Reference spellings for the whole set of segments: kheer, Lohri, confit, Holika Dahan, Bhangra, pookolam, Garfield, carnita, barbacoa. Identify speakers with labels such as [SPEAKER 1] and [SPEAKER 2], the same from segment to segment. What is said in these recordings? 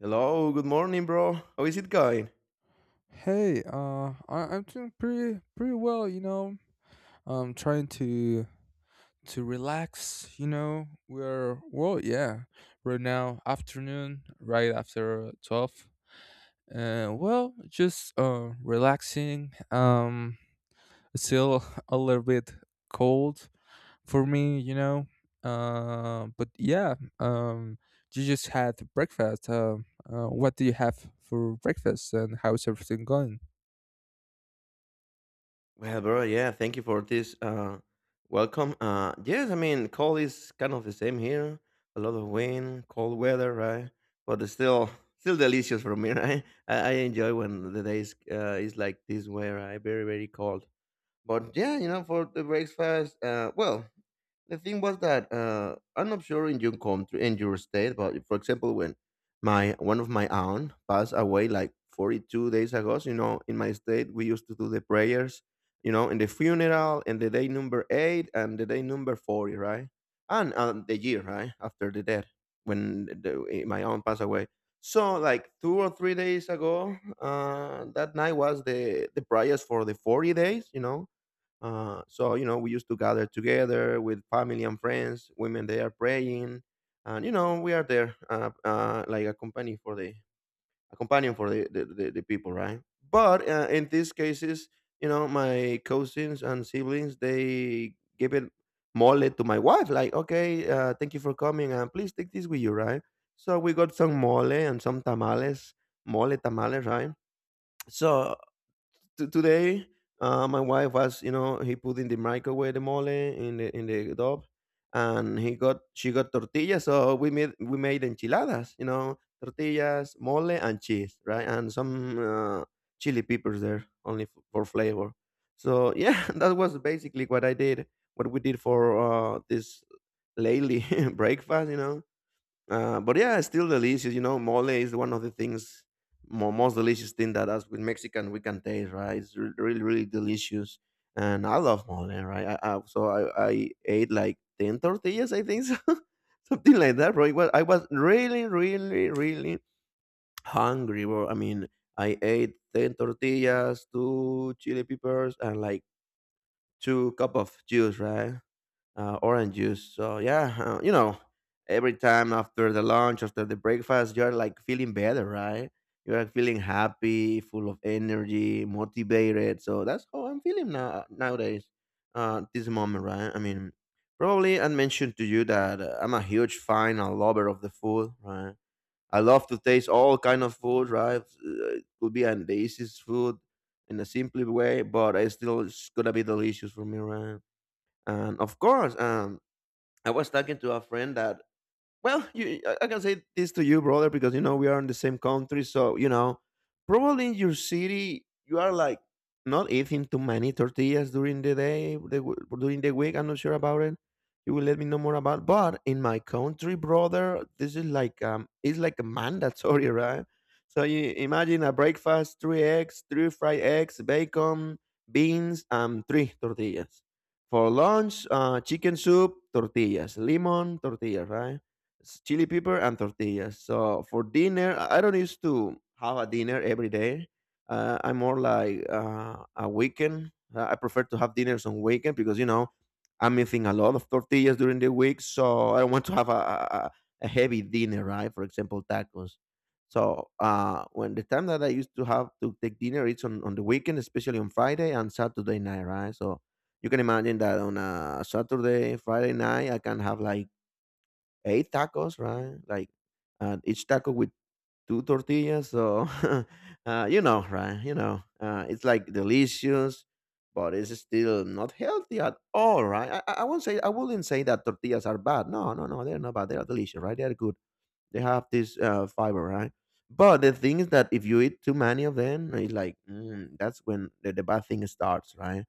[SPEAKER 1] Hello, good morning, bro. How is it going?
[SPEAKER 2] Hey, I'm doing pretty well. I'm trying to relax. We're Well, yeah, right now afternoon, right after 12, and well, just relaxing. It's still a little bit cold for me. But yeah, you just had breakfast. What do you have for breakfast, and how's everything going?
[SPEAKER 1] Well, bro, yeah, thank you for this welcome. Yes, I mean, cold is kind of the same here. A lot of wind, cold weather, right? But it's still delicious for me, right? I enjoy when the days is like this way, right? Very, very cold. But yeah, you know, for the breakfast, well, the thing was that I'm not sure in your country, in your state, but for example, when my one of my aunt passed away like 42 days ago, you know, in my state we used to do the prayers, you know, in the funeral, and the day number eight and the day number 40, right? And the year, right, after the death when my aunt passed away. So like 2 or 3 days ago, that night was the prayers for the 40 days, you know, you know, we used to gather together with family and friends. Women, they are praying, and you know, we are there, like a company for the a companion for the people, right? But in these cases, you know, my cousins and siblings, they give it mole to my wife, like, okay, thank you for coming, and please take this with you, right? So we got some mole and some tamales, mole tamales, right? So today my wife was, you know, he put in the microwave the mole in the dob, and he got she got tortillas, so we made enchiladas, you know, tortillas, mole, and cheese, right? And some chili peppers there only for flavor. So yeah, that was basically what I did, what we did for this lately breakfast, you know. But yeah, it's still delicious. You know, mole is one of the things, most delicious thing that us with Mexican we can taste, right? It's really, really delicious, and I love mole, right? So I ate like 10 tortillas, I think, so. Something like that, right? Well, I was really, really, really hungry. Bro. I mean, I ate 10 tortillas, two chili peppers, and like two cup of juice, right? Orange juice. So yeah, you know, every time after the lunch, after the breakfast, you're like feeling better, right? You're feeling happy, full of energy, motivated. So that's how I'm feeling now nowadays. This moment, right? I mean, probably I mentioned to you that I'm a huge fan and lover of the food, right? I love to taste all kind of food, right? It could be an the easiest food in a simple way, but it's still it's gonna be delicious for me, right? And of course, I was talking to a friend that, well, you, I can say this to you, brother, because you know we are in the same country. So you know, probably in your city, you are like not eating too many tortillas during the day, during the week. I'm not sure about it. You will let me know more about. But in my country, brother, this is like it's like a mandatory, right? So you imagine a breakfast: three eggs, three fried eggs, bacon, beans, and three tortillas. For lunch, chicken soup, tortillas, lemon, tortillas, right? Chili pepper and tortillas. So for dinner, I don't used to have a dinner every day. I'm more like a weekend. I prefer to have dinners on weekend because you know I'm eating a lot of tortillas during the week, so I don't want to have a heavy dinner, right? For example, tacos. So when the time that I used to have to take dinner, it's on the weekend, especially on Friday and Saturday night, right? So you can imagine that on a Saturday, Friday night, I can have like 8 tacos, right? Like each taco with two tortillas. So, you know, right? You know, it's like delicious, but it's still not healthy at all, right? I won't say, I wouldn't say that tortillas are bad. No, no, no, they're not bad. They are delicious, right? They are good. They have this fiber, right? But the thing is that if you eat too many of them, it's like that's when the bad thing starts, right?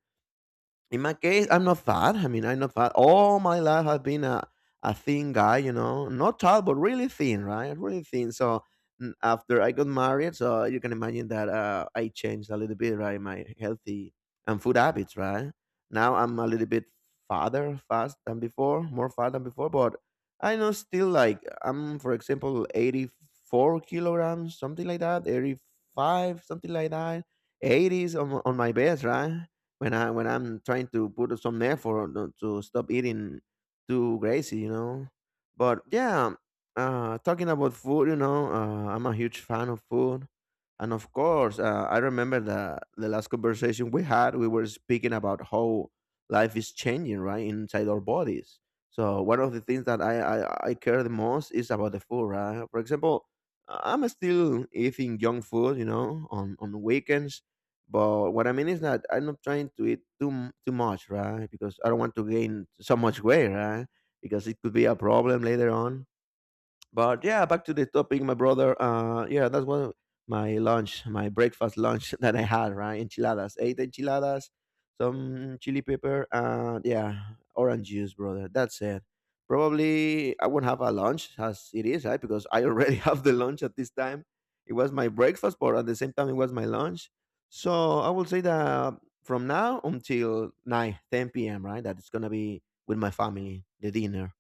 [SPEAKER 1] In my case, I'm not fat. I mean, I'm not fat. All my life, I've been a thin guy, you know, not tall, but really thin, right? Really thin. So after I got married, so you can imagine that I changed a little bit, right? My healthy and food habits, right? Now I'm a little bit farther fast than before, more fat than before, but I know still like I'm, for example, 84 kilograms, something like that, 85, something like that, 80s on my best, right? When I'm trying to put some effort on to stop eating too crazy, you know. But yeah, talking about food, you know, I'm a huge fan of food, and of course, I remember the last conversation we had. We were speaking about how life is changing, right, inside our bodies. So one of the things that I care the most is about the food, right? For example, I'm still eating junk food, you know, on weekends, but what I mean is that I'm not trying to eat too too much, right? Because I don't want to gain so much weight, right? Because it could be a problem later on. But yeah, back to the topic, my brother. Yeah, that's one of my lunch, my breakfast lunch that I had, right? Enchiladas, 8 enchiladas, some chili pepper, and yeah, orange juice, brother. That's it. Probably I won't have a lunch as it is, right? Because I already have the lunch at this time. It was my breakfast, but at the same time, it was my lunch. So I will say that from now until 9:10 p.m., right? That it's going to be with my family, the dinner.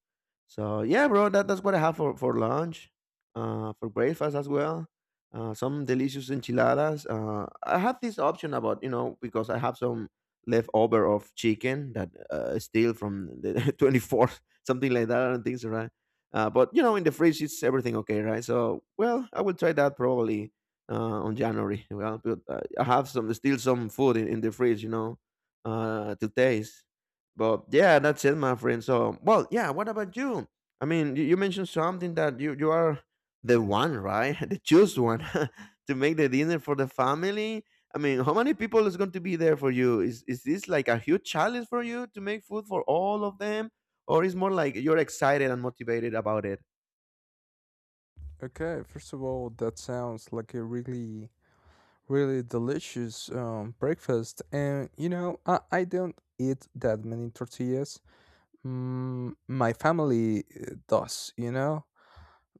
[SPEAKER 1] So yeah, bro, that's what I have for lunch, for breakfast as well. Some delicious enchiladas. I have this option about, you know, because I have some leftover of chicken that I steal from the 24th, something like that, and things, right. But you know, in the fridge it's everything okay, right. So well, I will try that probably uh, on January. Well, but, I have some still some food in the fridge, you know, to taste. But yeah, that's it, my friend. So, well, yeah. What about you? I mean, you mentioned something that you are the one, right? The choose one to make the dinner for the family. I mean, how many people is going to be there for you? Is this like a huge challenge for you to make food for all of them, or is more like you're excited and motivated about it?
[SPEAKER 2] Okay, first of all, that sounds like a really, really delicious breakfast. And I don't eat that many tortillas. My family does, you know?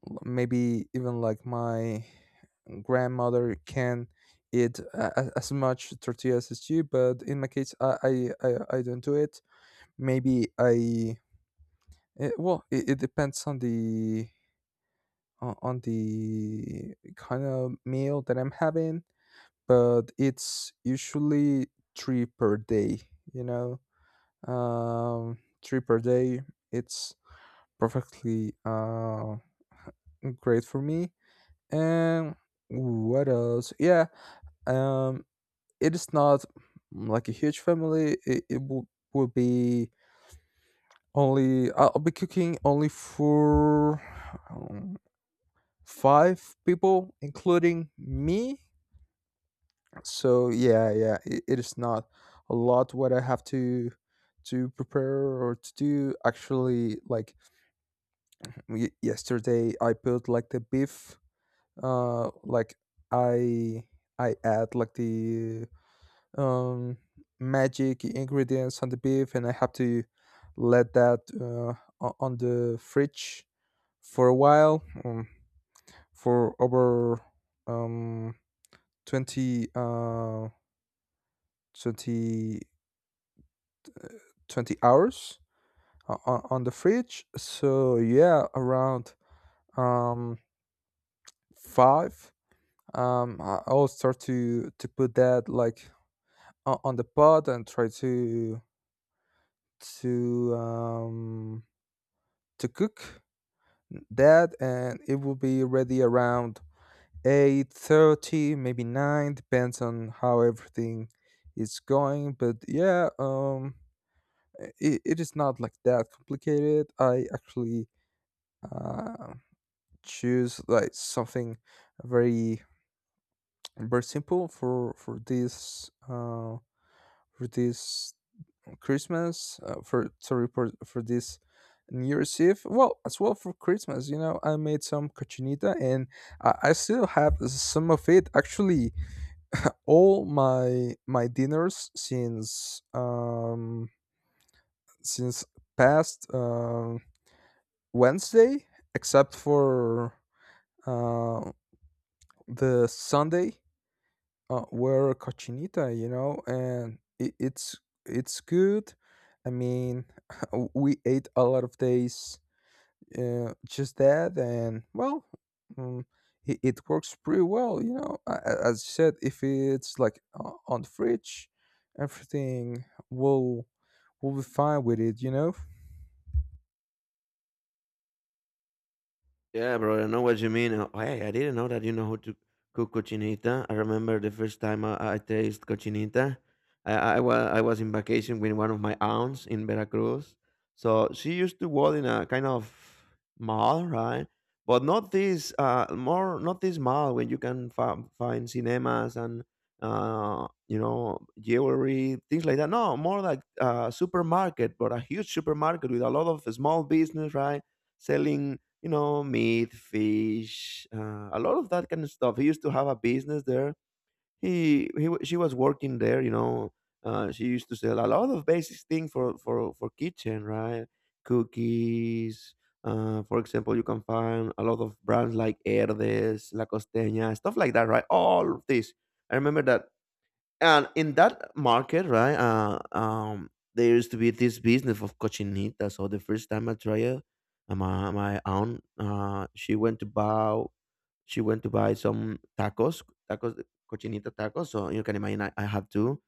[SPEAKER 2] Maybe even like my grandmother can eat as much tortillas as you, but in my case, I don't do it. Maybe I, well, it depends on the kind of meal that I'm having, but it's usually three per day, you know? Three per day, it's perfectly great for me. And what else? Yeah, um, it is not like a huge family, it will be only, I'll be cooking only for um, five people, including me. So yeah, yeah, it is not a lot what I have to prepare or to do. Actually, like yesterday, I put like the beef. Like I I add like the um magic ingredients on the beef, and I have to let that on the fridge for a while, for over um 20 twenty twenty hours on the fridge. So yeah, around um five, I'll start to put that like on the pot and try to um to cook that, and it will be ready around 8:30, maybe nine, depends on how everything is going. But yeah. It is not like that complicated. I actually Uh, choose like something very very simple for this for this Christmas, for sorry, for this New Year's Eve. Well, as well for Christmas, I made some cochinita, and I still have some of it actually. All my dinners since past Wednesday except for uh the Sunday, were cochinita, and it's good. I mean, we ate a lot of days just that, and well, um, it works pretty well. As you said, if it's like on the fridge, everything will be fine with it.
[SPEAKER 1] Yeah, bro, I know what you mean. Hey, I didn't know that you know how to cook cochinita. I remember the first time I taste cochinita. I was in vacation with one of my aunts in Veracruz. So she used to work in a kind of mall, right? But not this, more not this mall where you can find cinemas and you know, jewelry things like that. No, more like a supermarket, but a huge supermarket with a lot of small business, right? Selling, you know, meat, fish, a lot of that kind of stuff. He used to have a business there. She was working there, you know. She used to sell a lot of basic things for for kitchen, right? Cookies. For example, you can find a lot of brands like Herdes, La Costeña, stuff like that, right? All of this. I remember that, and in that market, right? There used to be this business of cochinita. So the first time I tried it, my aunt, she went to buy, she went to buy some tacos, tacos, cochinita tacos. So you can imagine, I have two.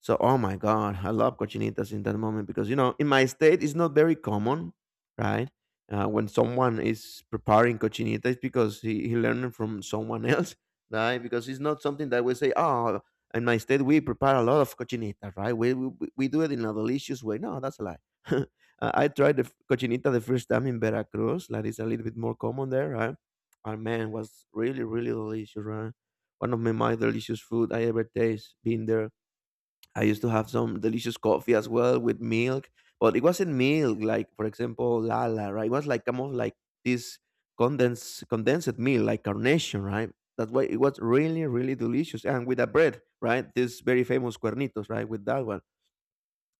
[SPEAKER 1] So oh my god, I love cochinitas in that moment because you know in my state it's not very common, right? When someone is preparing cochinita, it's because he learned it from someone else, right? Because it's not something that we say, oh, in my state we prepare a lot of cochinita, right? We do it in a delicious way. No, that's a lie. I tried the cochinita the first time in Veracruz. That is a little bit more common there, right? And man, was really, really delicious, right? One of my most delicious food I ever taste, been there. I used to have some delicious coffee as well with milk, but it wasn't milk like, for example, Lala, right? It was like kind of like this condensed milk, like carnation, right? That's why it was really, really delicious. And with a bread, right? This very famous cuernitos, right? With that one.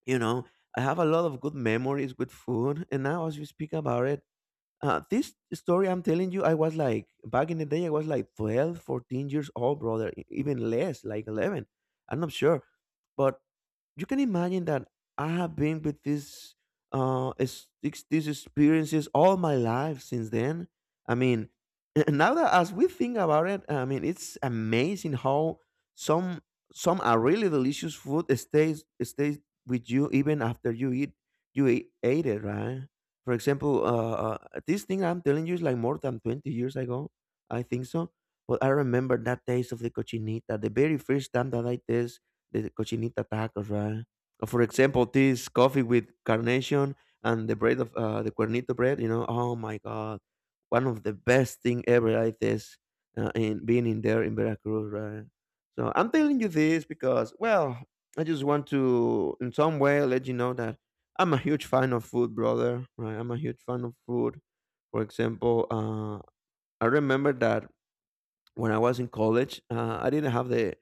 [SPEAKER 1] You know, I have a lot of good memories with food. And now as you speak about it, this story I'm telling you, I was like, back in the day, I was like 12, 14 years old, brother, even less, like 11. I'm not sure. But you can imagine that I have been with this, these experiences all my life since then. I mean, now that as we think about it, I mean, it's amazing how some some are really delicious food stays with you even after you eat you ate it, right? For example, this thing I'm telling you is like more than 20 years ago. I think so. But I remember that taste of the cochinita, the very first time that I taste the cochinita tacos, right? For example, this coffee with carnation and the bread of the cuernito bread, you know, oh my God, one of the best thing ever I taste in being in there in Veracruz, right? So I'm telling you this because, well, I just want to, in some way, let you know that I'm a huge fan of food, brother. Right? I'm a huge fan of food. For example, I remember that when I was in college, I didn't have the,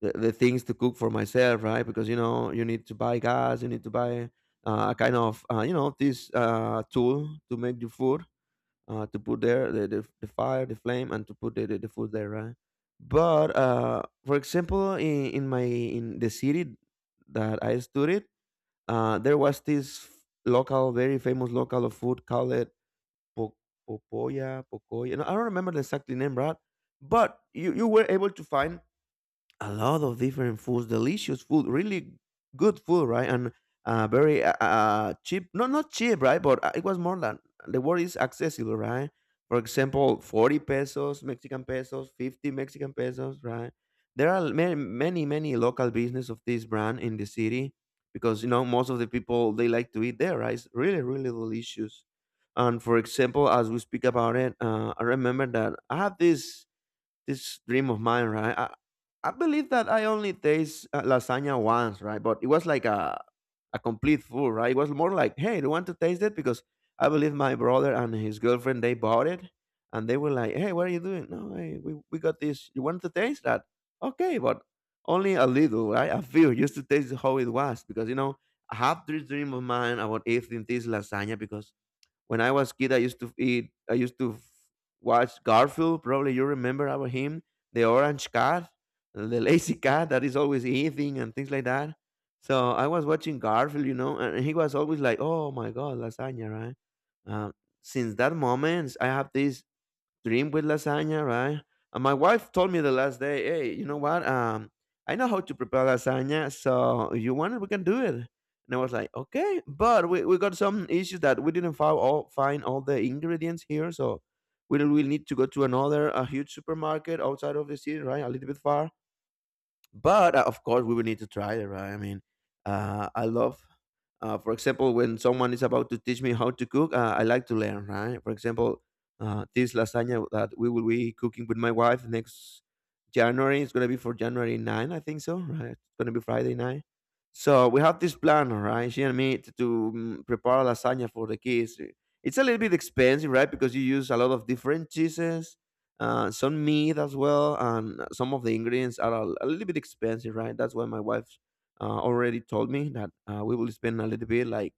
[SPEAKER 1] the things to cook for myself, right? Because you know you need to buy gas, you need to buy a kind of you know this tool to make the food, to put there the fire, the flame, and to put the food there, right? But for example, in my in the city that I studied, there was this local, very famous local of food called po- Popoya, Pocoya. No, I don't remember the exact name, Brad. But you were able to find a lot of different foods, delicious food, really good food, right? And very cheap. No, not cheap, right? But it was more than the word is accessible, right? For example, 40 pesos, Mexican pesos, 50 Mexican pesos, right? There are many, many, many local business of this brand in the city, because you know most of the people they like to eat there, right? It's really, really delicious. And for example, as we speak about it, I remember that I have this dream of mine, right? I believe that I only taste lasagna once, right? But it was like a complete food, right? It was more like, hey, do you want to taste it? Because I believe my brother and his girlfriend, they bought it. And they were like, hey, what are you doing? No, hey, we got this. You want to taste that? Okay, but only a little, right? A few, just to taste how it was. Because, you know, I have this dream of mine about eating this lasagna because when I was kid, I used to eat. I used to watch Garfield. Probably you remember about him, the orange cat, the lazy cat that is always eating and things like that. So I was watching Garfield, you know, and he was always like, "Oh my god, lasagna!" Right? Um, since that moment, I have this dream with lasagna, right? And my wife told me the last day, hey, you know what? I know how to prepare lasagna, so if you want it, we can do it. And I was like, okay, but we got some issues that we didn't find all the ingredients here, so we will need to go to another a huge supermarket outside of the city, right? A little bit far, but of course we will need to try it, right? I mean, I love for example, when someone is about to teach me how to cook, I like to learn, right? For example, this lasagna that we will be cooking with my wife next January, it's going to be for January 9, I think so, right? It's going to be Friday night. So we have this plan, all right, she and me to prepare lasagna for the kids. It's a little bit expensive, right? Because you use a lot of different cheeses, some meat as well, and some of the ingredients are a little bit expensive, right? That's why my wife already told me that we will spend a little bit, like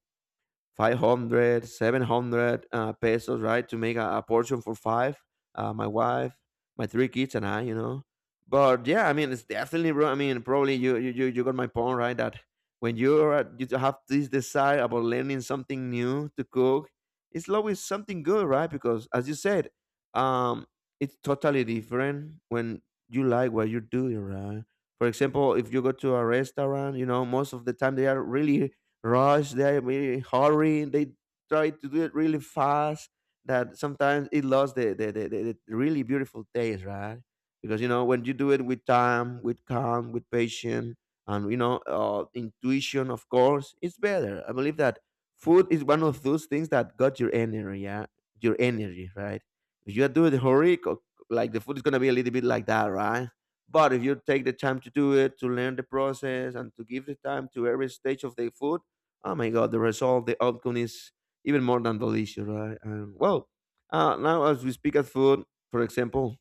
[SPEAKER 1] 500, 700 pesos, right, to make a portion for 5. My wife, my three kids and I, you know. But yeah, I mean, it's definitely wrong. I mean, probably you got my point, right? That when you're you have this desire about learning something new to cook, it's always something good, right? Because as you said, um it's totally different when you like what you're doing, right? For example, if you go to a restaurant, you know, most of the time they are really rush, they really hurry, they try to do it really fast, that sometimes it lost the really beautiful taste, right? Because you know, when you do it with time, with calm, with patience, and you know, intuition, of course it's better. I believe that food is one of those things that got your energy. Yeah, your energy, right? If you do it hurry, like the food is going to be a little bit like that, right? But if you take the time to do it, to learn the process, and to give the time to every stage of the food, oh my God, the result, the outcome is even more than delicious, right? And well, now as we speak at food, for example,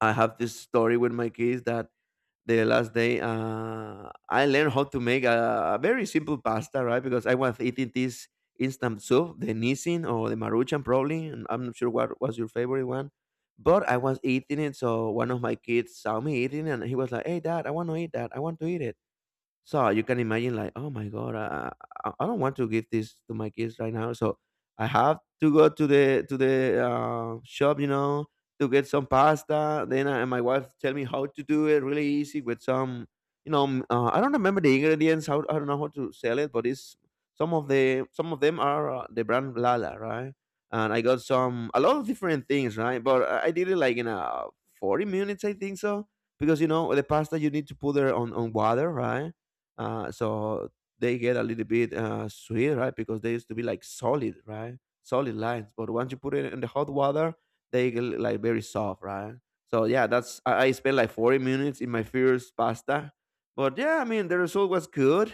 [SPEAKER 1] I have this story with my kids that the last day I learned how to make a very simple pasta, right? Because I was eating this instant soup, the Nissin or the Maruchan, probably. And I'm not sure what was your favorite one. But I was eating it, so one of my kids saw me eating, and he was like, "Hey, Dad, I want to eat that. I want to eat it." So you can imagine, like, oh my god, I don't want to give this to my kids right now, so I have to go to the shop, you know, to get some pasta. Then my wife tell me how to do it, really easy with some, you know, I don't remember the ingredients. How I don't know how to sell it, but it's some of them are the brand Lala, right? And I got some a lot of different things, right? But I did it like in 40 minutes, I think so, because you know the pasta you need to put it on water, right? So they get a little bit sweet, right? Because they used to be like solid, right? Solid lines, but once you put it in the hot water, they get like very soft, right? So yeah, that's I spent like 40 minutes in my first pasta, but yeah, I mean the result was good.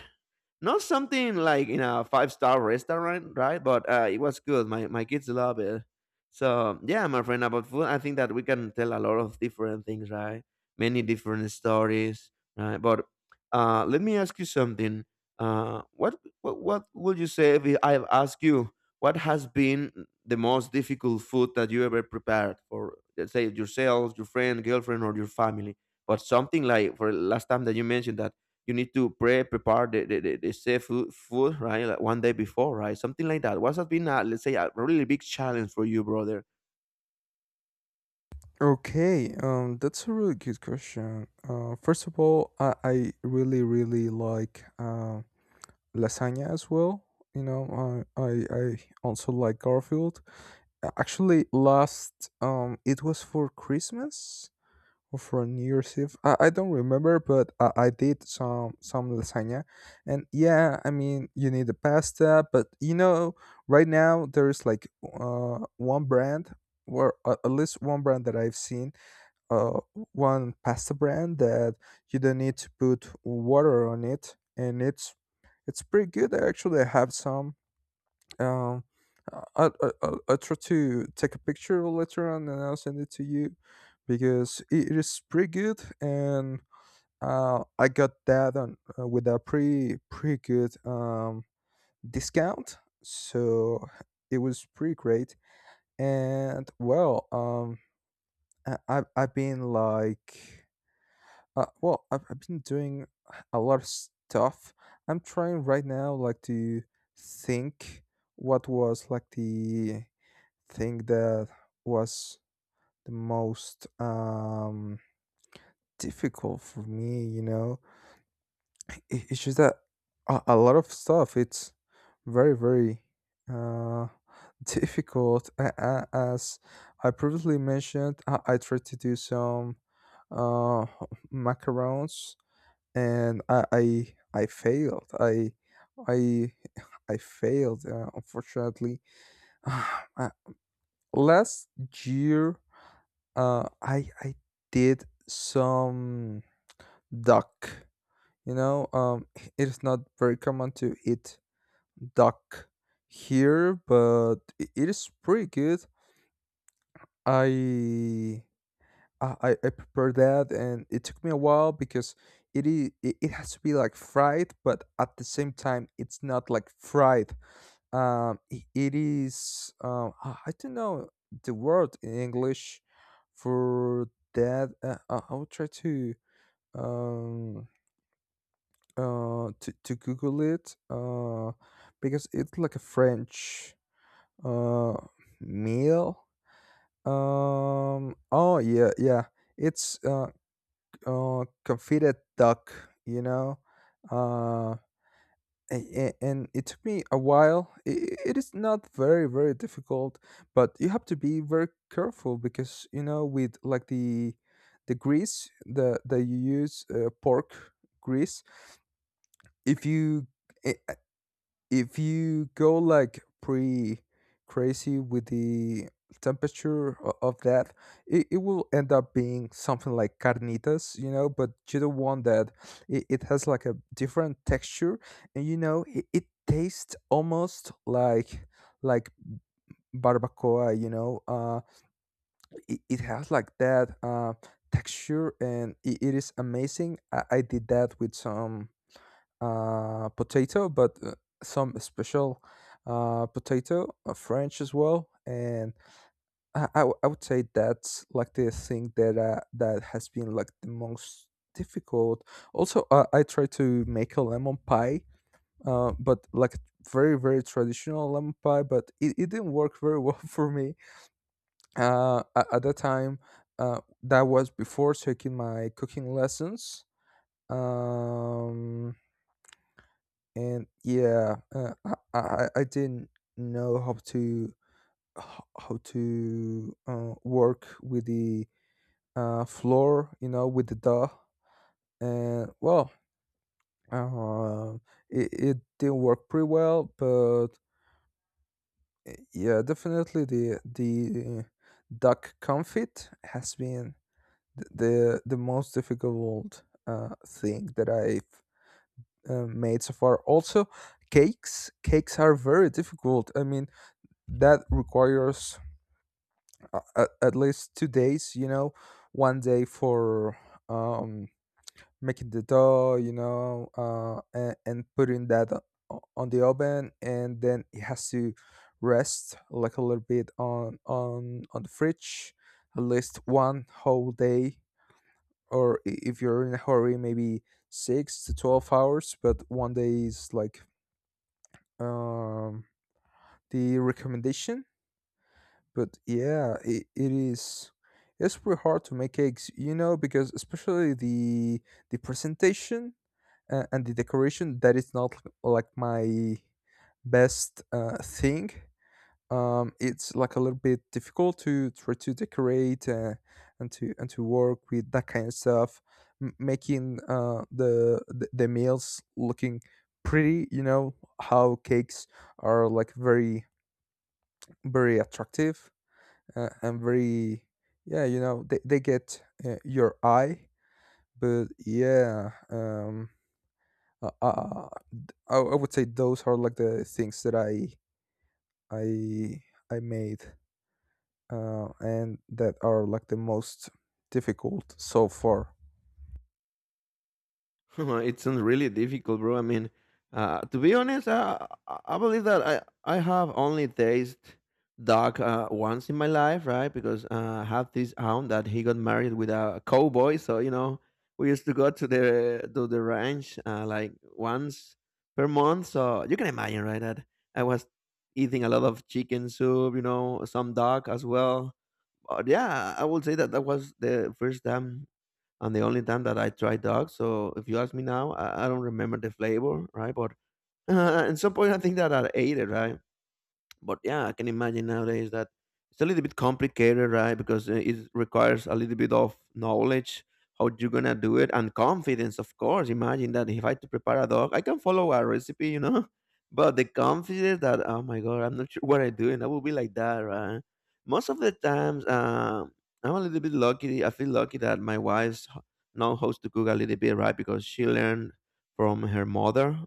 [SPEAKER 1] Not something like in a five-star restaurant, right? But it was good. My kids love it. So yeah, my friend, about food, I think that we can tell a lot of different things, right? Many different stories, right? But let me ask you something. What would you say if I ask you what has been the most difficult food that you ever prepared for, let's say, yourself, your friend, girlfriend, or your family? But something like for last time that you mentioned that you need to prepare the safe food, food, right? Like one day before, right? Something like that. What has been, a let's say, a really big challenge for you, brother?
[SPEAKER 2] Okay, that's a really good question. First of all, I really really like lasagna as well. I also like Garfield. Actually, last it was for Christmas or for New Year's Eve. I don't remember, but I did some lasagna, and yeah, I mean, you need the pasta, but right now there is like one brand. Or at least one brand that I've seen, uh, one pasta brand that you don't need to put water on it and it's pretty good. I actually have some. Um, I, I, I try to take a picture later on and I'll send it to you because it is pretty good. And I got that on, with a pretty, pretty good discount. So it was pretty great. And I, I've, I've been like well, I've been doing a lot of stuff. I'm trying right now, like to think what was like the thing that was the most difficult for me. It's just that a lot of stuff. It's very very uh difficult. As I previously mentioned, I tried to do some uh macarons and I failed. I I failed. Unfortunately, Uh, last year I did some duck. You know, um, it is not very common to eat duck here, but it is pretty good. I I prepared that and it took me a while because it has to be like fried but at the same time it's not like fried. It is I don't know the word in English for that. I'll try to um google it because it's like a French uh meal. Oh yeah, yeah, it's confitted duck, you know. Uh, and it took me a while. It is not very, very difficult, but you have to be very careful because with like the grease that you use pork grease. If you eh, if you go like pretty crazy with the temperature of that, it will end up being something like carnitas, but you don't want that. It has like a different texture and it tastes almost like barbacoa. It has like that texture and it is amazing. I did that with some potato, but some special potato, French as well. And I would say that's like the thing that that has been like the most difficult. Also, I tried to make a lemon pie, but like very very traditional lemon pie, but it didn't work very well for me at that time. That was before taking my cooking lessons. Um, And yeah, I didn't know how to work with the floor, with the duh. And well, uh, it, it didn't work pretty well, but yeah, definitely the duck confit has been the most difficult thing that I've made so far. Also, cakes are very difficult. I mean, that requires at least 2 days, one day for um making the dough, and putting that on the oven, and then it has to rest like a little bit on the fridge at least one whole day, or if you're in a hurry maybe 6 to 12 hours, but one day is like um the recommendation. But yeah, it's pretty hard to make cakes, because especially the presentation and the decoration that is not like my best thing. It's like a little bit difficult to try to decorate and to work with that kind of stuff. Making the meals looking pretty. You know how cakes are like very very attractive and very, yeah, they get your eye, but yeah um uh, uh, d- I, I would say those are like the things that i I made and that are like the most difficult so far.
[SPEAKER 1] It sounds really difficult, bro. I mean, to be honest, I believe that I have only tasted duck once in my life, right? Because I have this aunt that he got married with a cowboy. So, you know, we used to go to the ranch like once per month. So you can imagine, right, that I was eating a lot of chicken soup, you know, some duck as well. But yeah, I would say that that was the first time and the only time that I tried dog. So if you ask me now, I don't remember the flavor, right? But at some point, I think that I ate it, right? But yeah, I can imagine nowadays that it's a little bit complicated, right? Because it requires a little bit of knowledge how you're gonna do it and confidence, of course. Imagine that if I had to prepare a dog, I can follow a recipe, but the confidence that, oh my god, I'm not sure what I do, and I will be like that, right? Most of the times, I'm a little bit lucky. I feel lucky that my know how to cook a little bit, right? Because she learned from her mother.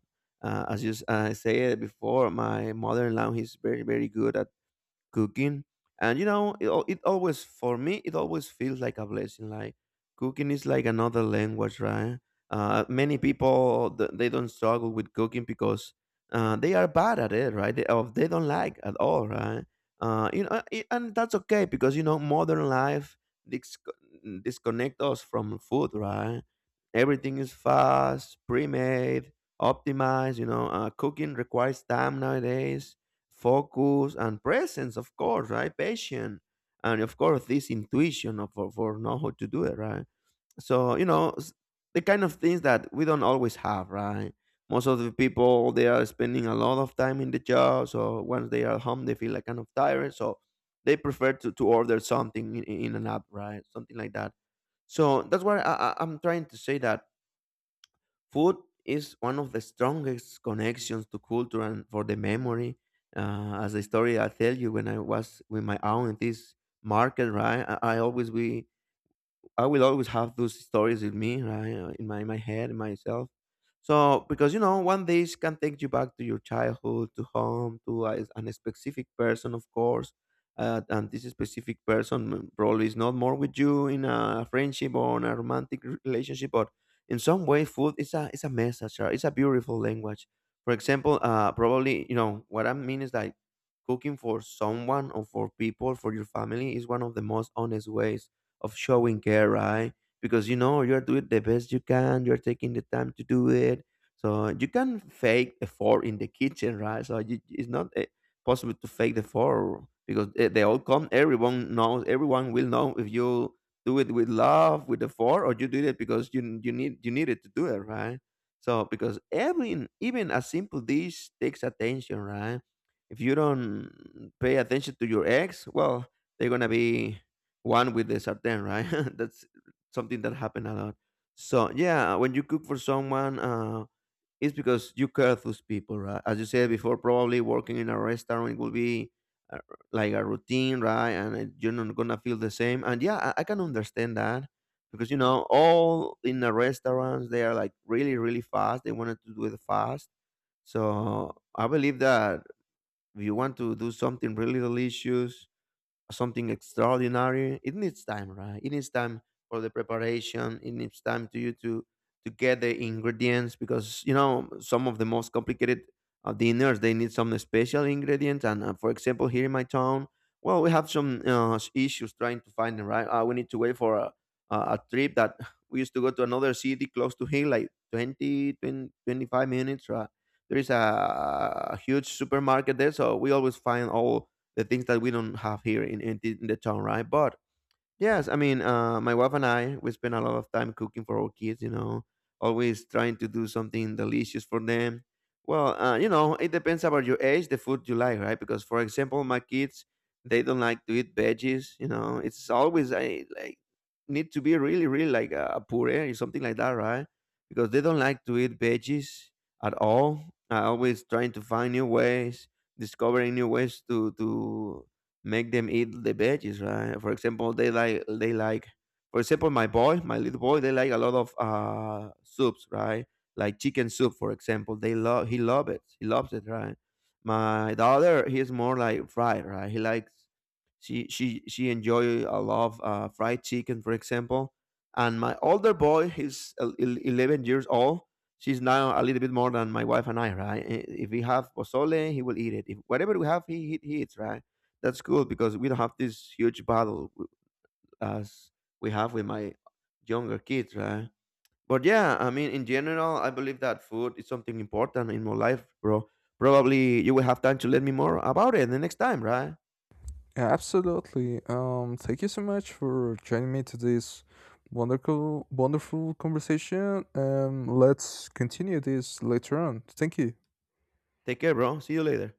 [SPEAKER 1] As I said before, my mother-in-law is very very good cooking. And it always, for me, it always feels like a blessing. Like cooking is like another language, right? Many people they don't struggle with cooking because they are bad at it, right? They, or they don't like at all, right? And that's okay because, you know, modern life dis- disconnect us from food, right? Everything is fast, pre-made, optimized. You know, cooking requires time nowadays, focus and presence, of course, right? Patience. And of course, this intuition of, for know how to do it right. So you know, the kind of things that we don't always have, right? Most of the people, they are spending a lot of time in the job, so once they are home, they feel like kind of tired. So they prefer to order something in an app, right? Something like that. So that's why I'm trying to say that food is one of the strongest connections to culture and for the memory. As a story I tell you, when I was with my aunt this market, right? I will always have those stories in me, right, in my head, in myself. So because you know, one days can take you back to your childhood, to home, to a, an specific person, of course. And this specific person probably is not more with you in a friendship or in a romantic relationship, but in some way, food is a message. Right? It's a beautiful language. For example, probably you know what I mean is like cooking for someone or for people for your family is one of the most honest ways of showing care, right? Because you know you're doing the best you can, you're taking the time to do it. So you can fake the four in the kitchen, right? So you, it's not possible to fake the four because they all come. Everyone knows. Everyone will know if you do it with love, with the four, or you do it because you needed to do it, right? So because every even a simple dish takes attention, right? If you don't pay attention to your ex, well, they're gonna be one with the sartén, right? That's something that happened a lot. So yeah, when you cook for someone, it's because you care those people, right? As you said before, probably working in a restaurant, it will be uh, like a routine, right? And it- you're not gonna feel the same. And yeah, I can understand that because you know all in the restaurants, they are like really really fast. They wanted to do it fast. So I believe that if you want to do something really delicious, something extraordinary, it needs time, right? It needs time for the preparation. It needs time to you to get the ingredients because you know some of the most complicated dinners, they need some special ingredients. And for example, here in my town, well, we have some issues trying to find them, right? Uh, we need to wait for a trip that we used to go to another city close to here like 25 minutes, right? There is a huge supermarket there, so we always find all the things that we don't have here in the town, right? But yes, I mean, my wife and I, we spend a lot of time cooking for our kids. You know, always trying to do something delicious for them. Well, you know, it depends about your age, the food you like, right? Because, for example, my kids, they don't like to eat veggies. You know, it's always I like need to be really, really like a puree or something like that, right? Because they don't like to eat veggies at all. I always trying to find new ways, discovering new ways to make them eat the veggies, right? For example, they like, for example, my boy, my little boy, they like a lot of soups, right? Like chicken soup, for example, they love he love it, he loves it, right? My daughter, he's more like fried, right? He likes she enjoy a lot of fried chicken, for example. And my older boy, he's 11 years old. She's now a little bit more than my wife and I, right? I- If we have pozole, he will eat it. If whatever we have, he eats, right? That's cool because we don't have this huge battle as we have with my younger kids, right? But yeah, I mean, in general, I believe that food is something important in my life, bro. Probably you will have time to let me more about it the next time, right?
[SPEAKER 2] Yeah, absolutely, thank you so much for joining me to this wonderful wonderful conversation. Let's continue this later on. Thank you.
[SPEAKER 1] Take care, bro. See you later.